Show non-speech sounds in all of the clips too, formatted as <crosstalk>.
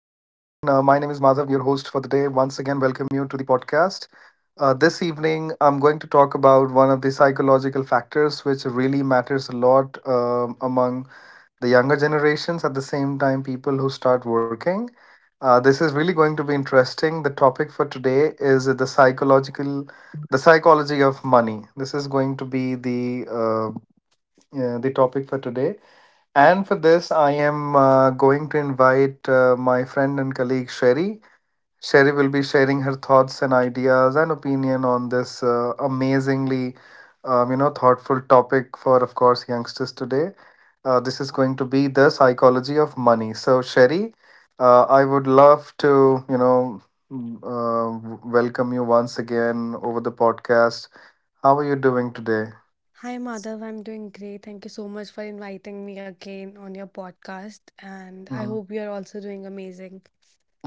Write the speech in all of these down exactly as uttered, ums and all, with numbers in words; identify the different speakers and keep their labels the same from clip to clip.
Speaker 1: your host for the day. Once again, welcome you to the podcast. Uh, this evening, I'm going to talk about one of the psychological factors which really matters a lot um, among the younger generations. At the same time, people who start working. Uh, this is really going to be interesting. The topic for today is the psychological, the psychology of money. This is going to be the uh, uh, the topic for today and for this, I am uh, going to invite uh, my friend and colleague Sherry. Sherry will be sharing her thoughts and ideas and opinion on this uh, amazingly, um, you know, thoughtful topic for, of course, youngsters today. Uh, this is going to be the psychology of money. So, Sherry, uh, I would love to, you know, m- uh, w- welcome you once again over the podcast. How are you doing today?
Speaker 2: Hi, Madhav. I'm doing great. Thank you so much for inviting me again on your podcast. And I
Speaker 1: Mm-hmm.
Speaker 2: hope you're also doing amazing.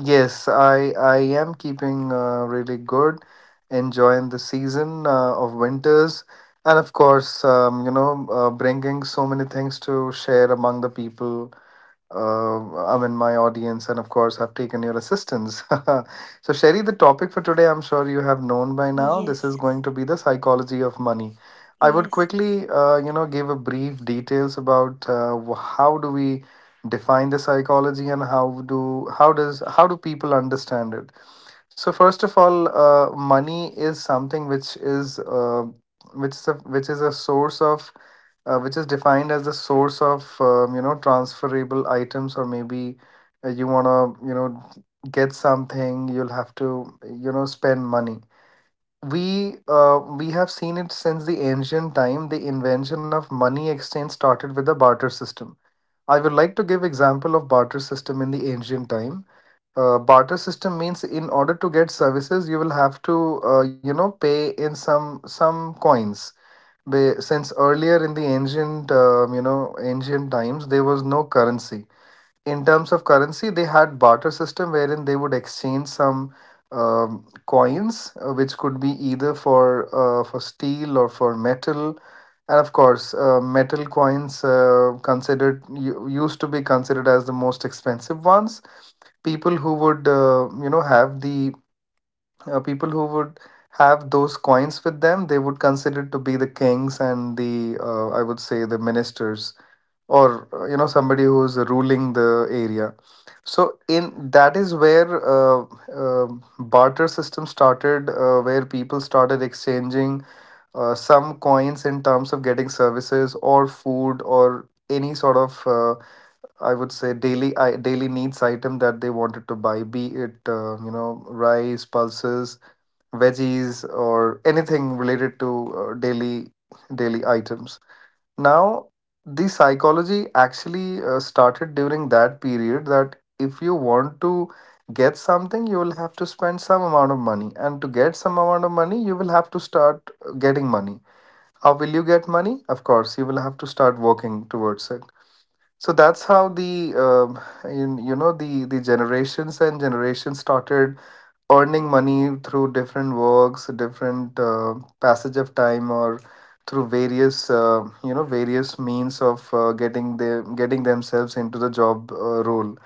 Speaker 1: Yes, I I am keeping uh, really good, enjoying the season uh, of winters, and of course, um, you know, uh, bringing so many things to share among the people uh, I mean, my audience, and of course, I've taken your assistance. <laughs> So, Sherry, the topic for today, I'm sure you have known by now. This is
Speaker 2: Yes,
Speaker 1: going to be the psychology of money. I would
Speaker 2: yes,
Speaker 1: quickly, uh, you know, give a brief details about uh, wh- how do we define the psychology and how do how does how do people understand it. So, first of all, uh, money is something which is uh, which is a, which is a source of uh, which is defined as the source of um, you know, transferable items, or maybe uh, you want to, you know, get something, you'll have to, you know, spend money. We uh, we have seen it since the ancient time. The invention of money exchange started with the barter system. I would like to give example of barter system in the ancient time. Uh, barter system means, in order to get services, you will have to, uh, you know, pay in some some coins. Be- since earlier in the ancient um, you know ancient times, there was no currency. In terms of currency, they had barter system, wherein they would exchange some um, coins, uh, which could be either for uh, for steel or for metal. And of course, uh, metal coins uh, considered u- used to be considered as the most expensive ones. People who would uh, you know have the uh, People who would have those coins with them, they would consider to be the kings and the, uh, I would say, the ministers, or, uh, you know, somebody who's ruling the area. So, in that is where uh, uh, barter system started, uh, where people started exchanging uh, some coins in terms of getting services or food or any sort of uh, I would say daily I, daily needs item that they wanted to buy, be it, uh, you know, rice, pulses, veggies, or anything related to uh, daily daily items. Now, the psychology actually uh, started during that period that if you want to get something, you will have to spend some amount of money, and to get some amount of money, you will have to start uh, getting money. How will you get money? Of course, you will have to start working towards it. So that's how the um you, you know the the generations and generations started earning money through different works, different uh, passage of time, or through various, uh, you know various means of uh, getting the getting themselves into the job uh, role.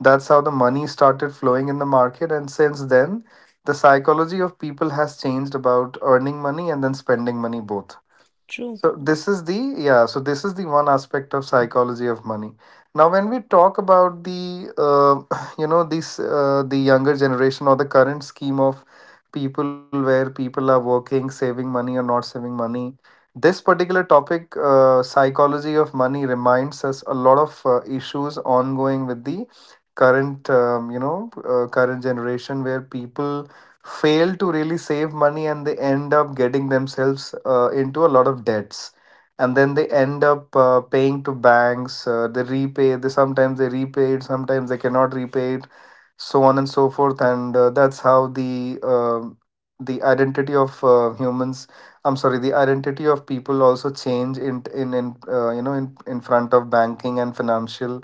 Speaker 1: That's how the money started flowing in the market, and since then, the psychology of people has changed about earning money and then spending money both.
Speaker 2: true.
Speaker 1: So this is the yeah. So this is the one aspect of psychology of money. Now, when we talk about the, uh, <clears throat> <sighs> you know, this uh, the younger generation or the current scheme of people where people are working, saving money or not saving money, this particular topic, uh, psychology of money, reminds us a lot of uh, issues ongoing with the current um, you know uh, current generation, where people fail to really save money and they end up getting themselves uh, into a lot of debts, and then they end up uh, paying to banks. Uh, they repay they sometimes they repay it, sometimes they cannot repay it, so on and so forth. And uh, that's how the um the identity of uh, humans I'm sorry the identity of people also change in in, in uh, you know in, in front of banking and financial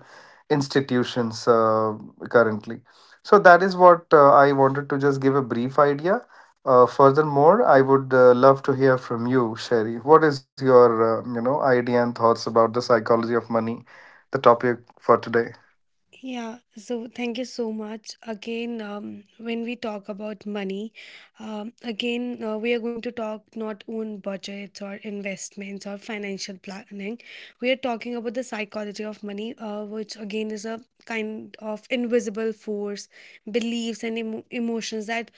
Speaker 1: institutions uh, currently. So that is what uh, I wanted to just give a brief idea. Uh, furthermore, I would uh, love to hear from you, Sherry. What is your uh, you know idea and thoughts about the psychology of money, the topic for today?
Speaker 2: Yeah, so thank you so much. Again, um, when we talk about money, um, again, uh, we are going to talk not on budgets or investments or financial planning. We are talking about the psychology of money, uh, which again is a kind of invisible force, beliefs, and emo emotions that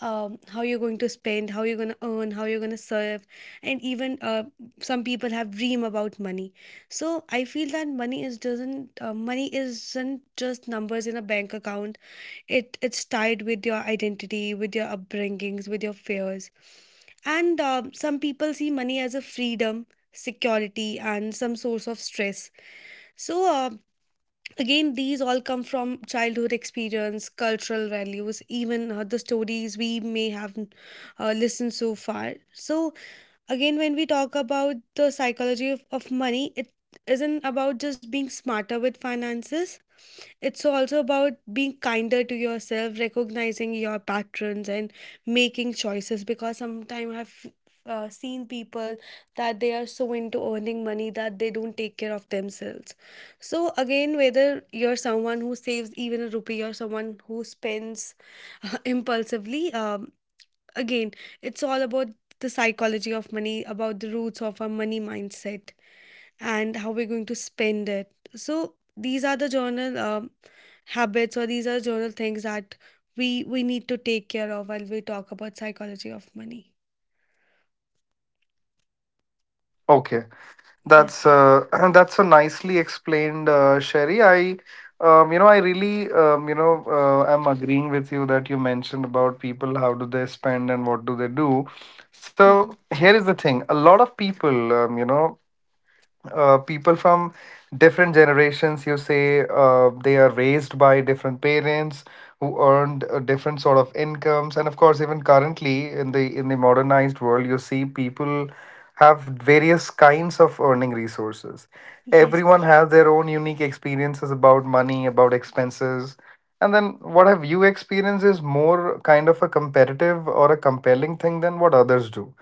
Speaker 2: um, how you're going to spend, how you're going to earn, how you're going to serve, and even uh, some people have dream about money. So I feel that money is doesn't uh, money isn't just numbers in a bank account. It it's tied with your identity, with your upbringings, with your fears. And uh, some people see money as a freedom, security, and some source of stress. So uh, again, these all come from childhood experience, cultural values, even uh, the stories we may have uh, listened so far. So again, when we talk about the psychology of, of money, it isn't about just being smarter with finances. It's also about being kinder to yourself, recognizing your patterns, and making choices. Because sometimes I've uh, seen people that they are so into earning money that they don't take care of themselves. So, again, whether you're someone who saves even a rupee or someone who spends <laughs> impulsively, um, again, it's all about the psychology of money, about the roots of our money mindset, and how we're going to spend it. So, these are the journal. Um habits, or these are general things that we we need to take care of while we talk about psychology of money.
Speaker 1: Okay,
Speaker 2: Yeah.
Speaker 1: that's uh, <clears throat> that's a nicely explained, uh, Sherry. I um, you know I really, um, you know uh, am agreeing with you that you mentioned about people how do they spend and what do they do. So
Speaker 2: Hmm.
Speaker 1: here is the thing: a lot of people, um, you know uh, people from different generations, you say, uh, they are raised by different parents who earned a different sort of incomes, and of course, even currently, in the in the modernized world, you see people have various kinds of earning resources.
Speaker 2: Yes.
Speaker 1: Everyone has their own unique experiences about money, about expenses, and then what have you experienced is more kind of a competitive or a compelling thing than what others do.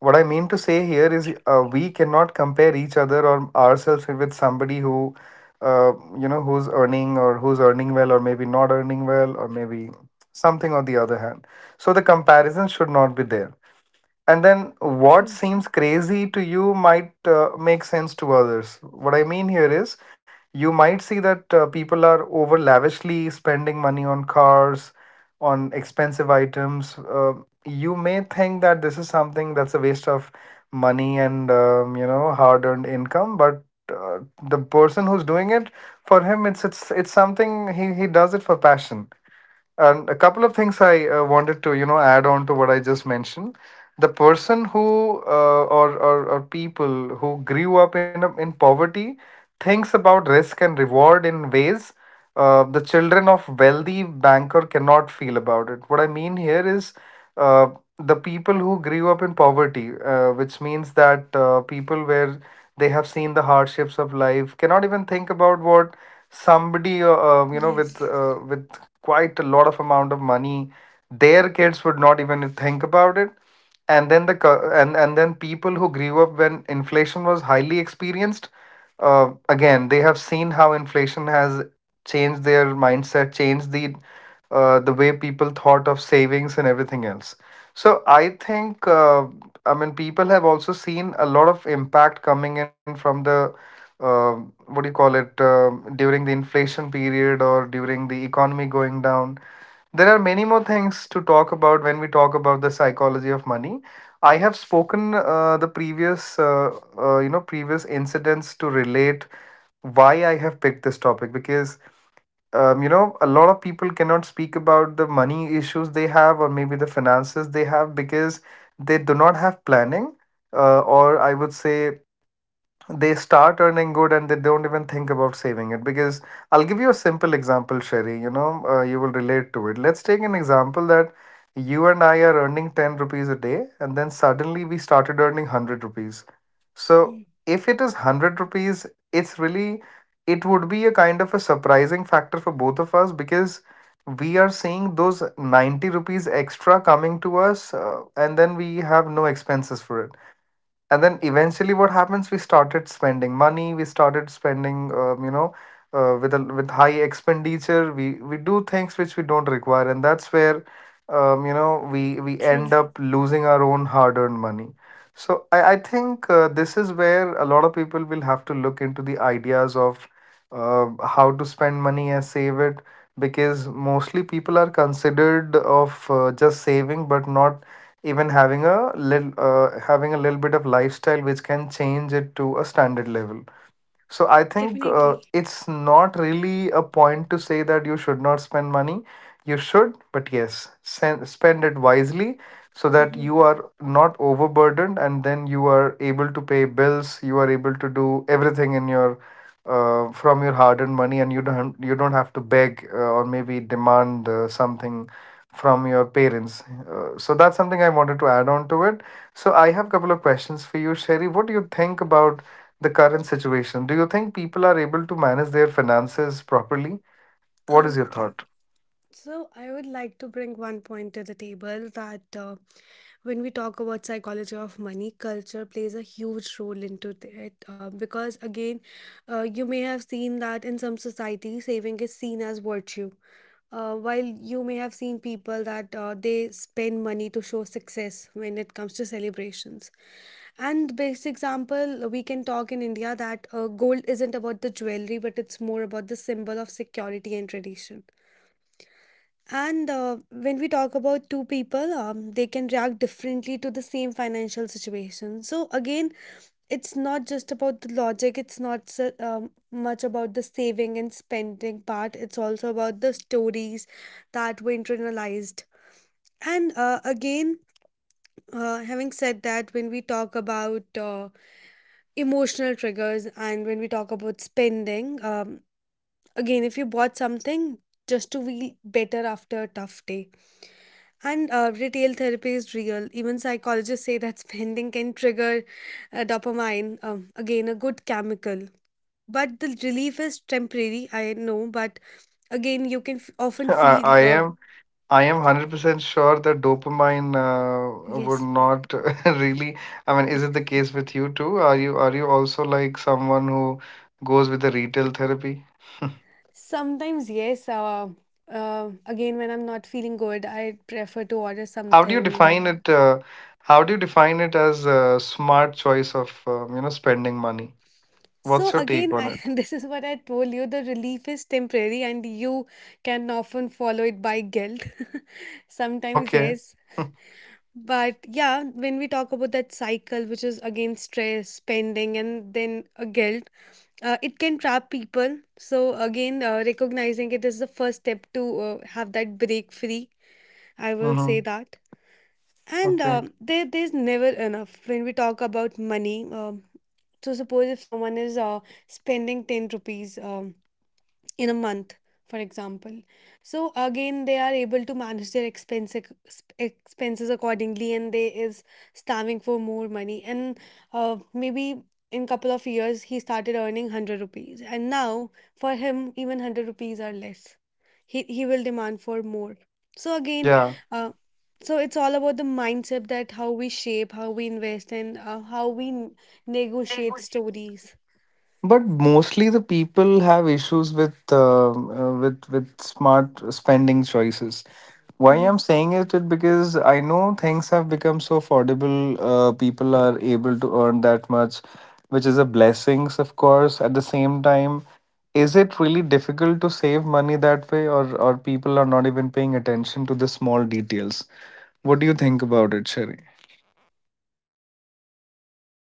Speaker 1: What I mean to say here is,
Speaker 2: True.
Speaker 1: uh, we cannot compare each other or ourselves with somebody who, uh, you know, who's earning, or who's earning well, or maybe not earning well, or maybe something on the other hand. So the comparison should not be there, and then what
Speaker 2: True.
Speaker 1: seems crazy to you might uh, make sense to others. What I mean here is, you might see that uh, people are over lavishly spending money on cars, on expensive items. Uh, you may think that this is something that's a waste of money and, um, you know hard-earned income, but uh, the person who's doing it, for him it's it's it's something he he does it for passion. And a couple of things I uh, wanted to, you know, add on to what I just mentioned. The person who uh, or, or or people who grew up in a, in poverty thinks about risk and reward in ways uh, the children of wealthy banker cannot feel about it. What I mean here is, uh, the people who grew up in poverty, uh, which means that uh, people where they have seen the hardships of life cannot even think about what somebody uh, uh, you know with
Speaker 2: Yes.
Speaker 1: uh, with quite a lot of amount of money, their kids would not even think about it. And then the co- and and then people who grew up when inflation was highly experienced, uh, again, they have seen how inflation has changed their mindset, changed the uh, the way people thought of savings and everything else. So I think, uh, I mean, people have also seen a lot of impact coming in from the uh, what do you call it, um during the inflation period or during the economy going down. There are many more things to talk about when we talk about the psychology of money. I have spoken uh, the previous uh, uh, you know previous incidents to relate why I have picked this topic because um, you know, a lot of people cannot speak about the money issues they have or maybe the finances they have because they do not have planning, uh, or I would say they start earning good and they don't even think about saving it because I'll give you a simple example, Sherry. You know uh, you will relate to it. Let's take an example that you and I are earning ten rupees a day, and then suddenly we started earning one hundred rupees. So
Speaker 2: Mhm.
Speaker 1: if it is one hundred rupees, it's really it would be a kind of a surprising factor for both of us because we are seeing those ninety rupees extra coming to us, uh, and then we have no expenses for it. And then eventually what happens, we started spending money, we started spending, um, you know uh, with a, with high expenditure, we we do things which we don't require, and that's where um, you know we we end
Speaker 2: True.
Speaker 1: up losing our own hard earned money. So i i think uh, this is where a lot of people will have to look into the ideas of uh, how to spend money and save it, because mostly people are considered of uh, just saving but not even having a little uh, having a little bit of lifestyle which can change it to a standard level. So I think uh,
Speaker 2: Definitely.
Speaker 1: it's not really a point to say that you should not spend money. You should, but yes, sen- spend it wisely so that
Speaker 2: Hmm.
Speaker 1: you are not overburdened and then you are able to pay bills, you are able to do everything in your uh, from your hard-earned money, and you don't you don't have to beg, uh, or maybe demand uh, something from your parents. Uh, so that's something I wanted to add on to it. So I have a couple of questions for you, Sherry. What do you think about the current situation? Do you think people are able to manage their finances properly? What is your
Speaker 2: um
Speaker 1: thought?
Speaker 2: So, I would like to bring one point to the table that uh, when we talk about psychology of money, culture plays a huge role into it. Uh, because again, uh, you may have seen that in some societies, saving is seen as virtue. Uh, while you may have seen people that uh, they spend money to show success when it comes to celebrations. And best example, we can talk in India that uh, gold isn't about the jewelry, but it's more about the symbol of security and tradition. And uh, when we talk about two people, um, they can react differently to the same financial situation. So again, it's not just about the logic. It's not so, um, much about the saving and spending part. It's also about the stories that we internalized. And uh, again, uh, having said that, when we talk about uh, emotional triggers and when we talk about spending, um, again, if you bought something just to feel better after a tough day. And uh, retail therapy is real. Even psychologists say that <laughs> spending can trigger uh, dopamine, um, again, a good chemical. But the relief is temporary, I know. But again, you can f-
Speaker 1: <laughs>
Speaker 2: often
Speaker 1: I, I
Speaker 2: feel, uh,
Speaker 1: am I am one hundred percent sure that dopamine uh, would
Speaker 2: yes.
Speaker 1: not <laughs> really. I mean, is it the case with you too? Are you are you also like someone who goes with the retail therapy?
Speaker 2: Sometimes, yes. Uh, uh, again, when I'm not feeling good, I prefer to order
Speaker 1: How do you
Speaker 2: something. Uh,
Speaker 1: define it? Uh, how do you define it as a smart choice of um, you know spending money?
Speaker 2: so,
Speaker 1: What's your
Speaker 2: again,
Speaker 1: take on
Speaker 2: I, <laughs>
Speaker 1: it?
Speaker 2: this is what I told you, the relief is temporary, and you can often follow it by guilt. <laughs>
Speaker 1: <laughs>
Speaker 2: Sometimes,
Speaker 1: Okay.
Speaker 2: yes.
Speaker 1: <laughs>
Speaker 2: But yeah, when we talk about that cycle, which is again stress, spending, and then a guilt, uh, it can trap people. So again, uh, recognizing it is the first step to uh, have that break free. I will say
Speaker 1: Mm-hmm.
Speaker 2: that. And
Speaker 1: Okay.
Speaker 2: um there, there's never enough when we talk about money. Um, so suppose if someone is uh, spending ten rupees. Um, in a month, for example. So again, they are able to manage their expense ac- sp- expenses accordingly, and they is starving for more money. And uh, maybe in couple of years, he started earning one hundred rupees, and now for him, even one hundred rupees are less. He he will demand for more. So again,
Speaker 1: Yeah.
Speaker 2: uh, so it's all about the mindset that how we shape, how we invest, and uh, how we n- negotiate stories.
Speaker 1: But mostly the people have issues with um, uh, with with smart spending choices. Why
Speaker 2: Mhm.
Speaker 1: I'm saying it is because I know things have become so affordable. Uh, people are able to earn that much, which is a blessing, of course. At the same time, is it really difficult to save money that way, or or people are not even paying attention to the small details? What do you think about it, Sherry?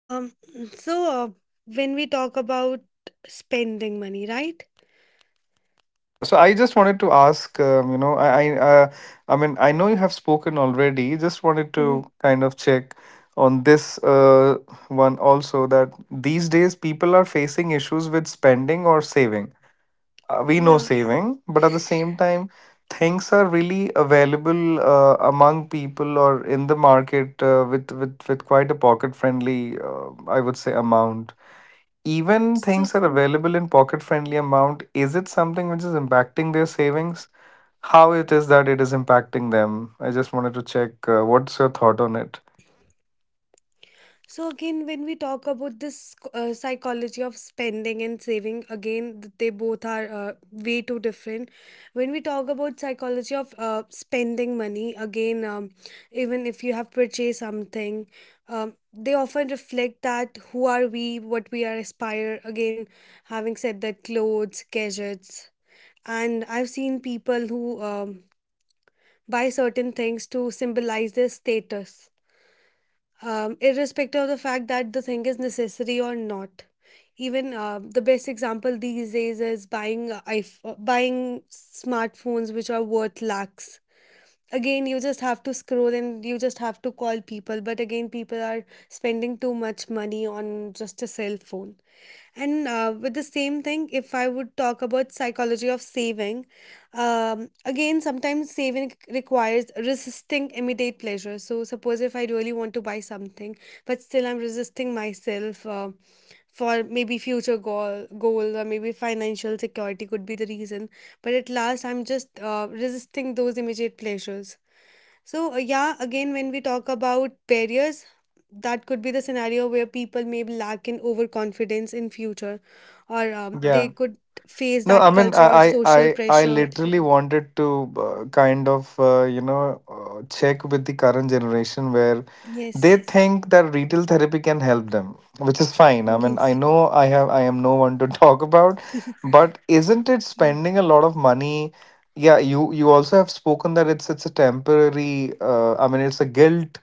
Speaker 2: Um, so uh, when we talk about spending money, right?
Speaker 1: Yeah, so I just wanted to ask, um, you know, I, I, uh, I mean, I know you have spoken already. Just wanted
Speaker 2: Mm,
Speaker 1: to kind of check on this uh, one also, that these days people are facing issues with spending or saving. Uh, we know
Speaker 2: yeah.
Speaker 1: saving, but at the same time, things are really available, uh, among people or in the market, uh, with with with quite a pocket friendly, uh, I would say, amount. Even
Speaker 2: So.
Speaker 1: things are available in pocket friendly amount. Is it something which is impacting their savings? How it is that it is impacting them? I just wanted to check uh, what's your thought on it?
Speaker 2: So again, when we talk about this uh, psychology of spending and saving, again, th- they both are uh, way too different. When we talk about psychology of uh, spending money, again, um, even if you have purchased something, um, they often reflect that who are we, what we are aspire. Again, having said that, clothes, gadgets, and I've seen people who um, buy certain things to symbolize their status, um, irrespective of the fact that the thing is necessary or not. Even uh, the best example these days is buying uh, if- uh, buying smartphones which are worth lakhs. Again, you just have to scroll and you just have to call people, but again people are spending too much money on just a cell phone. And uh, with the same thing, if I would talk about psychology of saving, um, again, sometimes saving requires resisting immediate pleasure. So suppose if I really want to buy something but still I'm resisting myself uh, for maybe future goal goals, or maybe financial security could be the reason. But at last I'm just uh, resisting those immediate pleasures. So uh, yeah, again when we talk about barriers, that could be the scenario where people may lack in overconfidence in future, or um,
Speaker 1: Yeah.
Speaker 2: they could face
Speaker 1: No, I
Speaker 2: that
Speaker 1: mean, I,
Speaker 2: culture
Speaker 1: I,
Speaker 2: or social
Speaker 1: I I
Speaker 2: pressure.
Speaker 1: literally wanted to uh, kind of, uh, you know, uh, check with the current generation where they
Speaker 2: Yes.
Speaker 1: think that retail therapy can help them, which is fine. I mean, I
Speaker 2: Yes.
Speaker 1: know I have, I am no one to <laughs> talk about, but isn't it
Speaker 2: Yeah.
Speaker 1: spending a lot of money? Yeah, you, you also have spoken that it's, it's a temporary, uh, I mean, it's a guilt,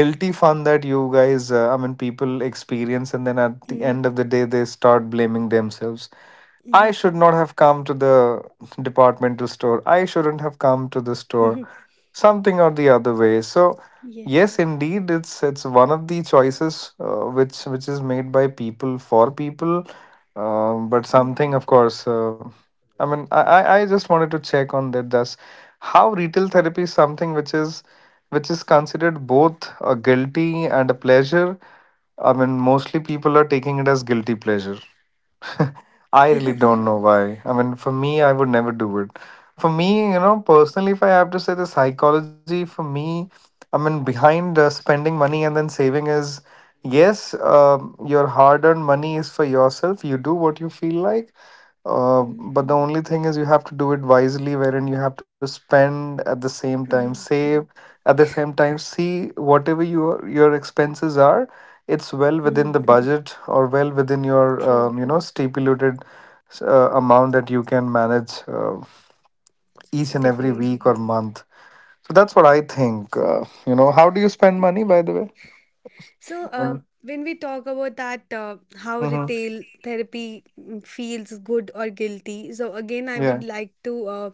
Speaker 1: guilty fun that you guys, uh, I mean, people experience, and then at the
Speaker 2: Mm.
Speaker 1: end of the day, they start blaming themselves. I
Speaker 2: Mm-hmm.
Speaker 1: should not have come to the departmental store. I shouldn't have come to the store.
Speaker 2: <laughs>
Speaker 1: Something or the other way. So,
Speaker 2: Yes.
Speaker 1: yes, indeed, it's it's one of the choices uh, which which is made by people for people. Um, but something, of course, uh, I mean, I, I I just wanted to check on that. Thus, how retail therapy is something which is which is considered both a guilty and a pleasure. I mean, mostly people are taking it as guilty pleasure. <laughs> I really don't know why. I mean, for me, I would never do it. For me, you know, personally, if I have to say the psychology, for me, I mean, behind uh, spending money and then saving is yes, um, your hard earned money is for yourself. You do what you feel like. Uh,
Speaker 2: Mm-hmm.
Speaker 1: but the only thing is you have to do it wisely, wherein you have to spend, at the same time,
Speaker 2: Mm-hmm.
Speaker 1: save at the same time. See, whatever your your expenses are, it's well within
Speaker 2: Mm-hmm.
Speaker 1: the budget or well within your
Speaker 2: True.
Speaker 1: um, you know stipulated uh, amount that you can manage uh, each and every week
Speaker 2: Definitely.
Speaker 1: or month. So that's what I
Speaker 2: Yes.
Speaker 1: think. Uh, you know, how do you spend money, by the way?
Speaker 2: So,
Speaker 1: I
Speaker 2: um,
Speaker 1: mean,
Speaker 2: when we talk about that, uh, how
Speaker 1: mhm,
Speaker 2: retail therapy mm, feels good or guilty, so again, I
Speaker 1: yeah.
Speaker 2: would like to uh,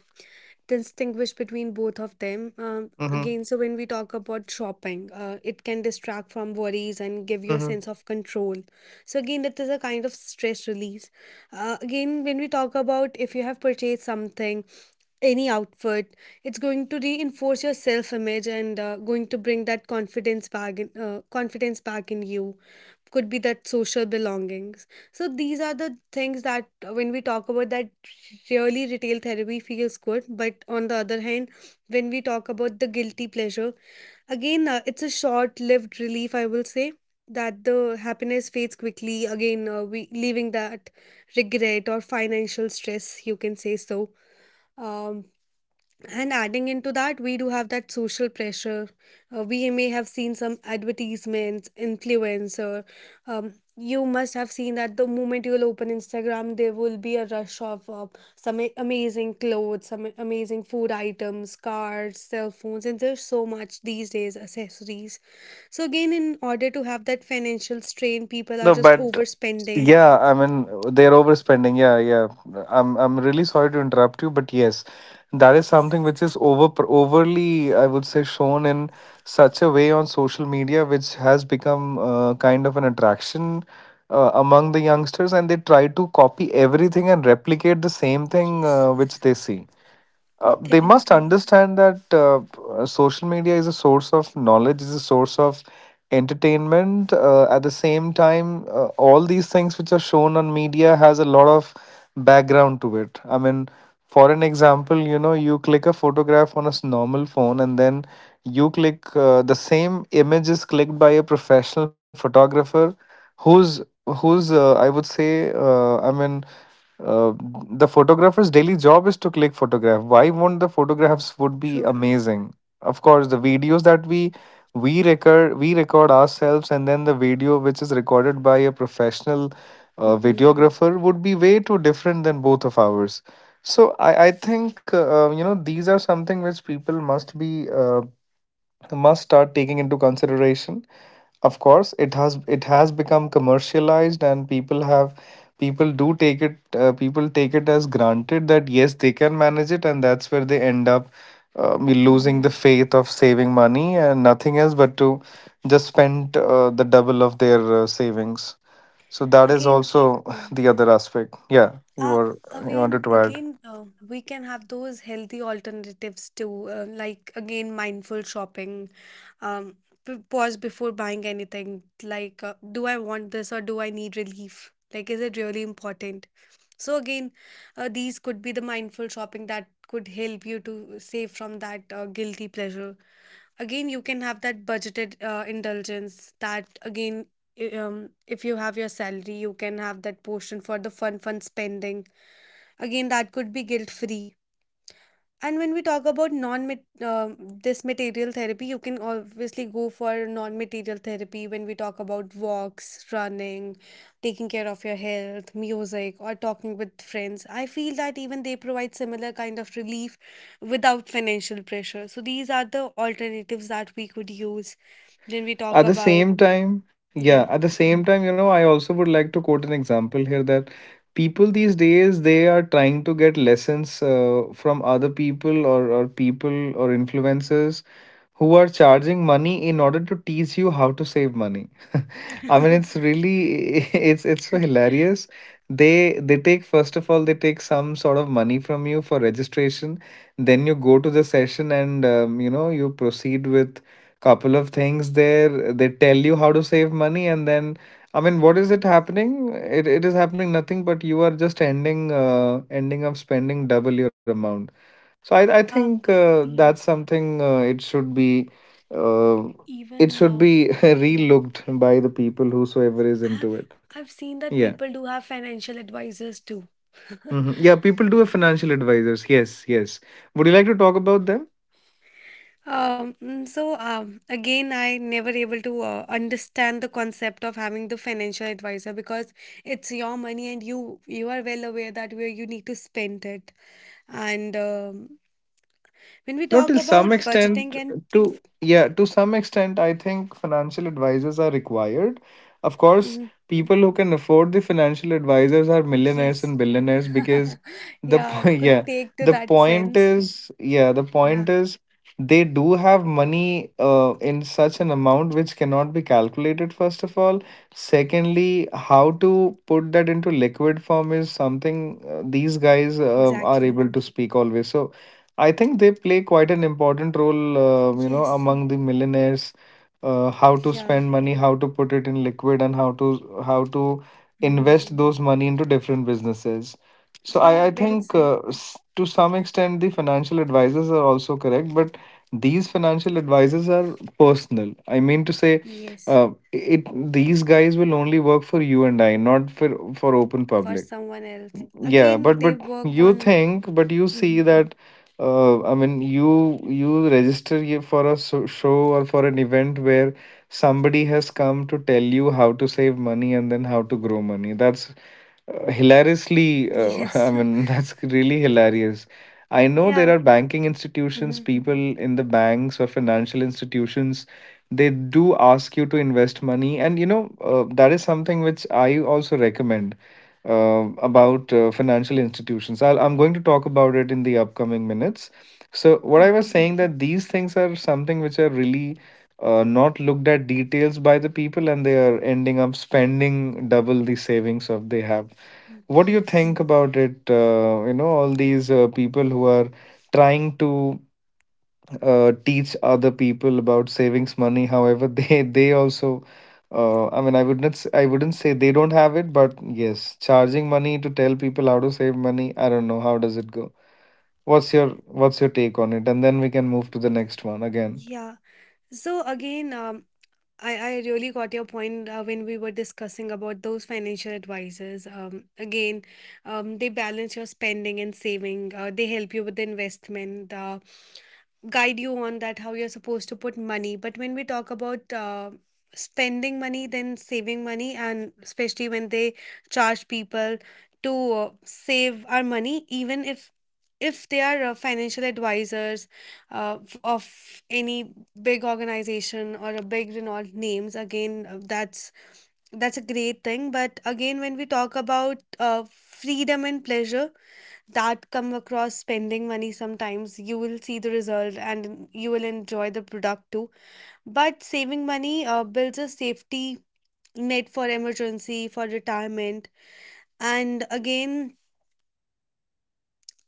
Speaker 2: distinguish between both of them. Um,
Speaker 1: Mm-hmm.
Speaker 2: again, so when we talk about shopping, uh, it can distract from worries and give you a
Speaker 1: Mm-hmm.
Speaker 2: sense of control. So, again, that is a kind of stress release. Uh, again, when we talk about if you have purchased something, any outfit, it's going to reinforce your self image and uh, going to bring that confidence back in, uh, confidence back in you, could be that social belongings. So these are the things that uh, when we talk about that, really retail therapy feels good. But on the other hand, when we talk about the guilty pleasure, again uh, it's a short lived relief, I will say, that the happiness fades quickly. Again uh, we leaving that regret or financial stress, you can say. So um, and adding into that, we do have that social pressure. Uh, we may have seen some advertisements, influencer. Um, you must have seen that the moment you will open Instagram, there will be a rush of uh, some a- amazing clothes, some amazing food items, cars, cell phones, and there's so much these days accessories. So, again, in order to have that financial strain, people are
Speaker 1: No,
Speaker 2: just
Speaker 1: but
Speaker 2: overspending.
Speaker 1: yeah, I mean, they're overspending. Yeah, yeah. I'm I'm really sorry to interrupt you, but yes, that is
Speaker 2: Yes,
Speaker 1: something which is over overly, I would say, shown in such a way on social media, which has become uh, kind of an attraction uh, among the youngsters, and they try to copy everything and replicate the same thing
Speaker 2: yes,
Speaker 1: uh, which they see. Uh, they must
Speaker 2: definitely.
Speaker 1: understand that uh, uh, social media is a source of knowledge, is a source of entertainment. Uh, at the same time, uh, all these things which are shown on media has a lot of background to it. I mean, for an example, you know, you click a photograph on a s- normal phone, and then you click uh, the same image is clicked by a professional photographer, who's who's uh, I would say, uh, I mean uh, the photographer's daily job is to click photograph. Why won't the photographs would be
Speaker 2: True.
Speaker 1: amazing? Of course, the videos that we we record we record ourselves, and then the video which is recorded by a professional uh,
Speaker 2: Mm-hmm.
Speaker 1: videographer would be way too different than both of ours. So I I think uh, you know, these are something which people must be uh, must start taking into consideration. Of course, it has it has become commercialized, and people have people do take it, uh, people take it as granted that yes, they can manage it, and that's where they end up uh, losing
Speaker 2: Mm-hmm.
Speaker 1: the faith of saving money and nothing else but to just spend uh, the double of their uh, savings. So that is
Speaker 2: Again.
Speaker 1: also
Speaker 2: Yeah.
Speaker 1: the other aspect. Yeah, you
Speaker 2: uh,
Speaker 1: were you
Speaker 2: again,
Speaker 1: wanted to add.
Speaker 2: again, uh, we can have those healthy alternatives too, uh, like again, mindful shopping. Um, p- pause before buying anything. Like, uh, do I want this or do I need relief? Like, is it really important? So again, uh, these could be the mindful shopping that could help you to save from that uh, guilty pleasure. Again, you can have that budgeted uh, indulgence, that again, i- um, if you have your salary, you can have that portion for the fun, fun spending. Again, that could be guilt free. And when we talk about non, um this material therapy, you can obviously go for non material therapy when we talk about walks, running, taking care of your health, music, or talking with friends. I feel that even they provide similar kind of relief without financial pressure. So these are the alternatives that we could use when we talk
Speaker 1: At the
Speaker 2: about.
Speaker 1: same time, yeah,
Speaker 2: Yeah.
Speaker 1: at the same time, you know, I also would like to quote an example here, that people these days, they are trying to get lessons uh, from other people, or, or people or influencers who are charging money in order to teach you how to save money. <laughs> I mean, it's really <laughs> it's it's so hilarious. They they take, first of all, they take some sort of money from you for registration. Then you go to the session and um, you know you proceed with couple of things there. They tell you how to save money, and then I mean, what is it happening? It it is happening nothing, but you are just ending uh, ending up spending double your amount. So I I
Speaker 2: um
Speaker 1: think uh,
Speaker 2: yeah,
Speaker 1: that's something uh, it should be. Uh, it
Speaker 2: even
Speaker 1: should
Speaker 2: uh,
Speaker 1: be <laughs>
Speaker 2: yeah.
Speaker 1: relooked by the people whosoever is into
Speaker 2: i've
Speaker 1: it.
Speaker 2: i've seen that
Speaker 1: Yeah.
Speaker 2: people do have financial advisors too.
Speaker 1: Hmm. Yeah, people do have financial advisors. Yes, yes. Would you like to talk about them?
Speaker 2: Um mm, so um again, I never able to uh, understand the concept of having the financial advisor, because it's your money and you you are well aware that where you need to spend it. And um, when we
Speaker 1: No,
Speaker 2: talk
Speaker 1: till some
Speaker 2: about budgeting
Speaker 1: extent,
Speaker 2: and.
Speaker 1: to yeah, to some extent, I think financial advisors are required. Of course,
Speaker 2: Mm,
Speaker 1: people who can afford the financial advisors are millionaires
Speaker 2: yes.
Speaker 1: and billionaires
Speaker 2: <laughs>
Speaker 1: because the
Speaker 2: Yeah,
Speaker 1: po- <laughs>
Speaker 2: could
Speaker 1: yeah,
Speaker 2: take to
Speaker 1: the
Speaker 2: that
Speaker 1: point
Speaker 2: sense.
Speaker 1: is yeah, the
Speaker 2: Yeah,
Speaker 1: point is they do have money uh, in such an amount which cannot be calculated, first of all. Secondly, how to put that into liquid form is something uh, these guys uh,
Speaker 2: exactly.
Speaker 1: are able to speak always. So I think they play quite an important role, uh, you know,
Speaker 2: Yes.
Speaker 1: among the millionaires. Uh, how to
Speaker 2: Yeah.
Speaker 1: spend money, how to put it in liquid, and how to how to
Speaker 2: Mm-hmm.
Speaker 1: invest those money into different businesses. So I
Speaker 2: Yeah,
Speaker 1: I
Speaker 2: well
Speaker 1: think
Speaker 2: said.
Speaker 1: uh, s- to some extent the financial advisors are also correct, but these financial advisors are personal. I mean to say,
Speaker 2: Yes,
Speaker 1: uh, it these guys will only work for you and I, not for for open
Speaker 2: for
Speaker 1: public.
Speaker 2: someone else.
Speaker 1: Yeah,
Speaker 2: Again,
Speaker 1: but
Speaker 2: they
Speaker 1: but
Speaker 2: work
Speaker 1: you
Speaker 2: on.
Speaker 1: think, but you
Speaker 2: Mhm.
Speaker 1: see that, uh, i mean you you register you for a so- show or for an event where somebody has come to tell you how to save money and then how to grow money. That's uh, hilariously, uh, <laughs> I
Speaker 2: Yes. <laughs>
Speaker 1: mean, that's really hilarious. I know
Speaker 2: Yeah.
Speaker 1: there are banking institutions,
Speaker 2: Hmm.
Speaker 1: people in the banks or financial institutions, they do ask you to invest money, and you know, uh, that is something which I also recommend uh, about uh, financial institutions. I'll, I'm going to talk about it in the upcoming minutes. So what I was
Speaker 2: Okay.
Speaker 1: saying, that these things are something which are really uh, not looked at details by the people, and they are ending up spending double the savings of they have. What do you
Speaker 2: Yes.
Speaker 1: think about it, uh, you know all these uh, people who are trying to uh, teach other people about savings money? However, <laughs> they they also uh, I mean, i would not s- I wouldn't say they don't have it, but yes, charging money to tell people how to save money, I don't know how does it go. what's your what's your take on it, and then we can move to the next one again?
Speaker 2: Yeah. So again, um, I, I really got your point uh, when we were discussing about those financial advisors. Um, again, um, they balance your spending and saving. Uh, they help you with the investment, uh, guide you on that how you're supposed to put money. But when we talk about uh, spending money, then saving money, and especially when they charge people to uh, save our money, even if if they are uh, financial advisors uh, f- of any big organization or a big renowned names. Again uh, that's that's a great thing. But again when we talk about uh, freedom and pleasure that come across spending money, sometimes you will see the result and you will enjoy the product too. But saving money uh, builds a safety net for emergency, for retirement. And again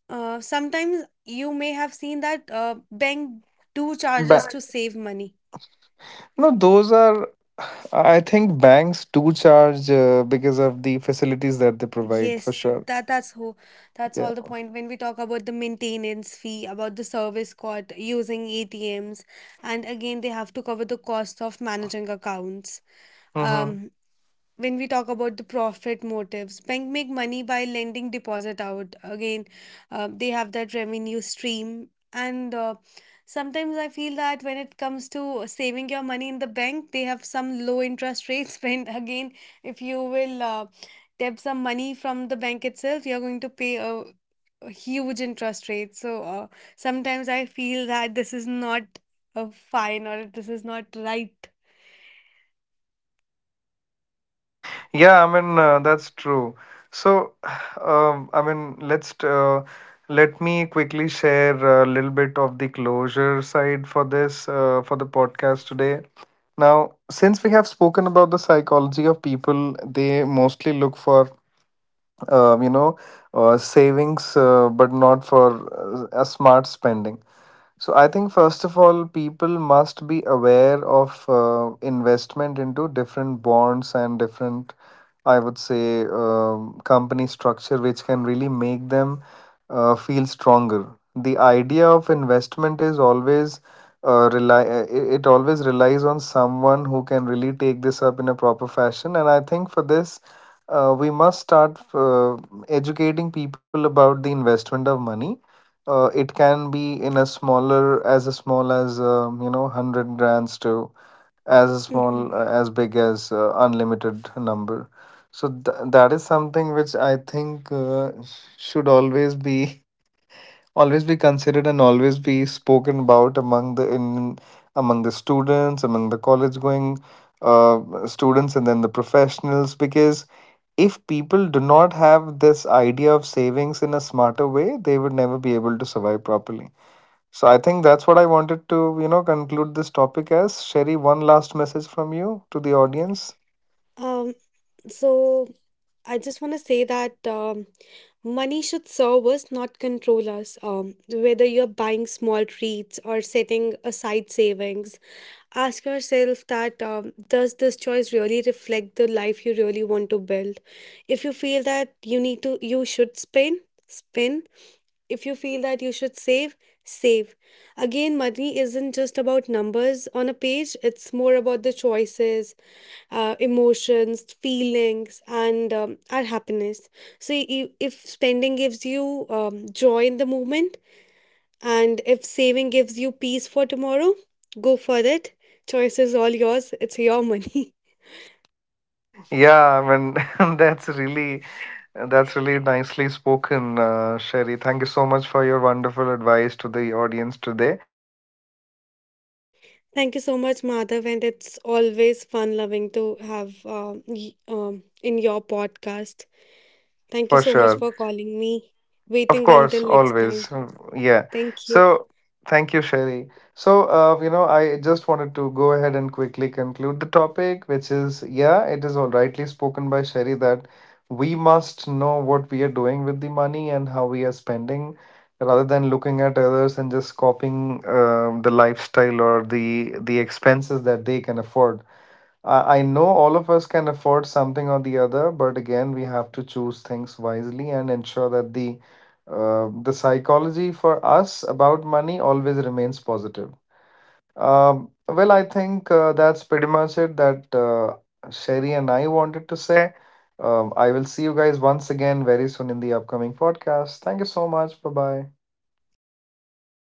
Speaker 2: uh, sometimes you may have seen that uh, bank do charges
Speaker 1: Ba-
Speaker 2: to save money.
Speaker 1: No, those are, I think banks do charge uh, because of the facilities that they provide for
Speaker 2: Yes,
Speaker 1: sure.
Speaker 2: that that's who that's
Speaker 1: Yeah.
Speaker 2: all the point when we talk about the maintenance fee, about the service cost using A T Ms, and again they have to cover the cost of managing accounts.
Speaker 1: Mm-hmm.
Speaker 2: Um, when we talk about the profit motives, bank make money by lending deposit out. Again uh, they have that revenue stream. And uh, sometimes I feel that when it comes to saving your money in the bank, they have some low interest rates. <laughs> When again, if you will uh, tap some money from the bank itself, you're going to pay a, a huge interest rate. So uh, sometimes I feel that this is not a fine, or this is not right.
Speaker 1: Yeah, I mean, uh, that's true. So, <sighs> um, I mean, let's t- uh, let me quickly share a little bit of the closure side for this uh, for the podcast today. Now, since we have spoken about the psychology of people, they mostly look for um, you know, uh, savings, uh, but not for uh, a smart spending. So I think, first of all, people must be aware of uh, investment into different bonds and different, I would say, um, company structure, which can really make them uh, feel stronger. The idea of investment is always uh, rely. Uh, It it always relies on someone who can really take this up in a proper fashion, and I think for this, uh, we must start uh, educating people about the investment of money. Uh, it can be in a smaller, as a small as um, you know, hundred grams to as a small
Speaker 2: Mhm.
Speaker 1: uh, as big as uh, unlimited number. So th that is something which I think uh, should always be <laughs> always be considered and always be spoken about among the in among the students, among the college going uh, students, and then the professionals, because if people do not have this idea of savings in a smarter way, they would never be able to survive properly. So I think that's what I wanted to, you know, conclude this topic as. Sherry, one last message from you to the audience.
Speaker 2: Um, so I just want to say that um, money should serve us, not control us. Um, whether you're buying small treats or setting aside savings, ask yourself that um, does this choice really reflect the life you really want to build? If you feel that you need to, you should spend, spend. If you feel that you should save, save. Again, money isn't just about numbers on a page, it's more about the choices, uh, emotions, feelings, and um, our happiness. So, i- if spending gives you um, joy in the moment, and if saving gives you peace for tomorrow, go for it. Choice is all yours. It's your money. <laughs>
Speaker 1: Yeah, I mean, <laughs> that's really, that's really nicely spoken, uh, Sherry. Thank you so much for your wonderful advice to the audience today. And um, you know, something that I
Speaker 2: Thank you so
Speaker 1: want
Speaker 2: much,
Speaker 1: to,
Speaker 2: Madhav, and it's always fun loving to have um, y- um, in your podcast. Thank you
Speaker 1: for
Speaker 2: so much
Speaker 1: sure.
Speaker 2: for calling me.
Speaker 1: Of
Speaker 2: Waiting
Speaker 1: course,
Speaker 2: until next
Speaker 1: always.
Speaker 2: time.
Speaker 1: Mm, yeah.
Speaker 2: Thank you.
Speaker 1: So thank you, Sherry. So, uh, you know, I just wanted to go ahead and quickly conclude the topic, which is yeah, it is all rightly spoken by Sherry, that we must know what we are doing with the money and how we are spending, rather than looking at others and just copying um, the lifestyle or the the expenses that they can afford. I I know all of us can afford something or the other, but again, we have to choose things wisely and ensure that the uh, the psychology for us about money always remains positive. Um, well, I think uh, that's pretty much it that uh, Sherry and I wanted to say. Um, I will see you guys once again very soon in the upcoming podcast. Thank you so much. Bye bye.
Speaker 2: Thank you, Madhav.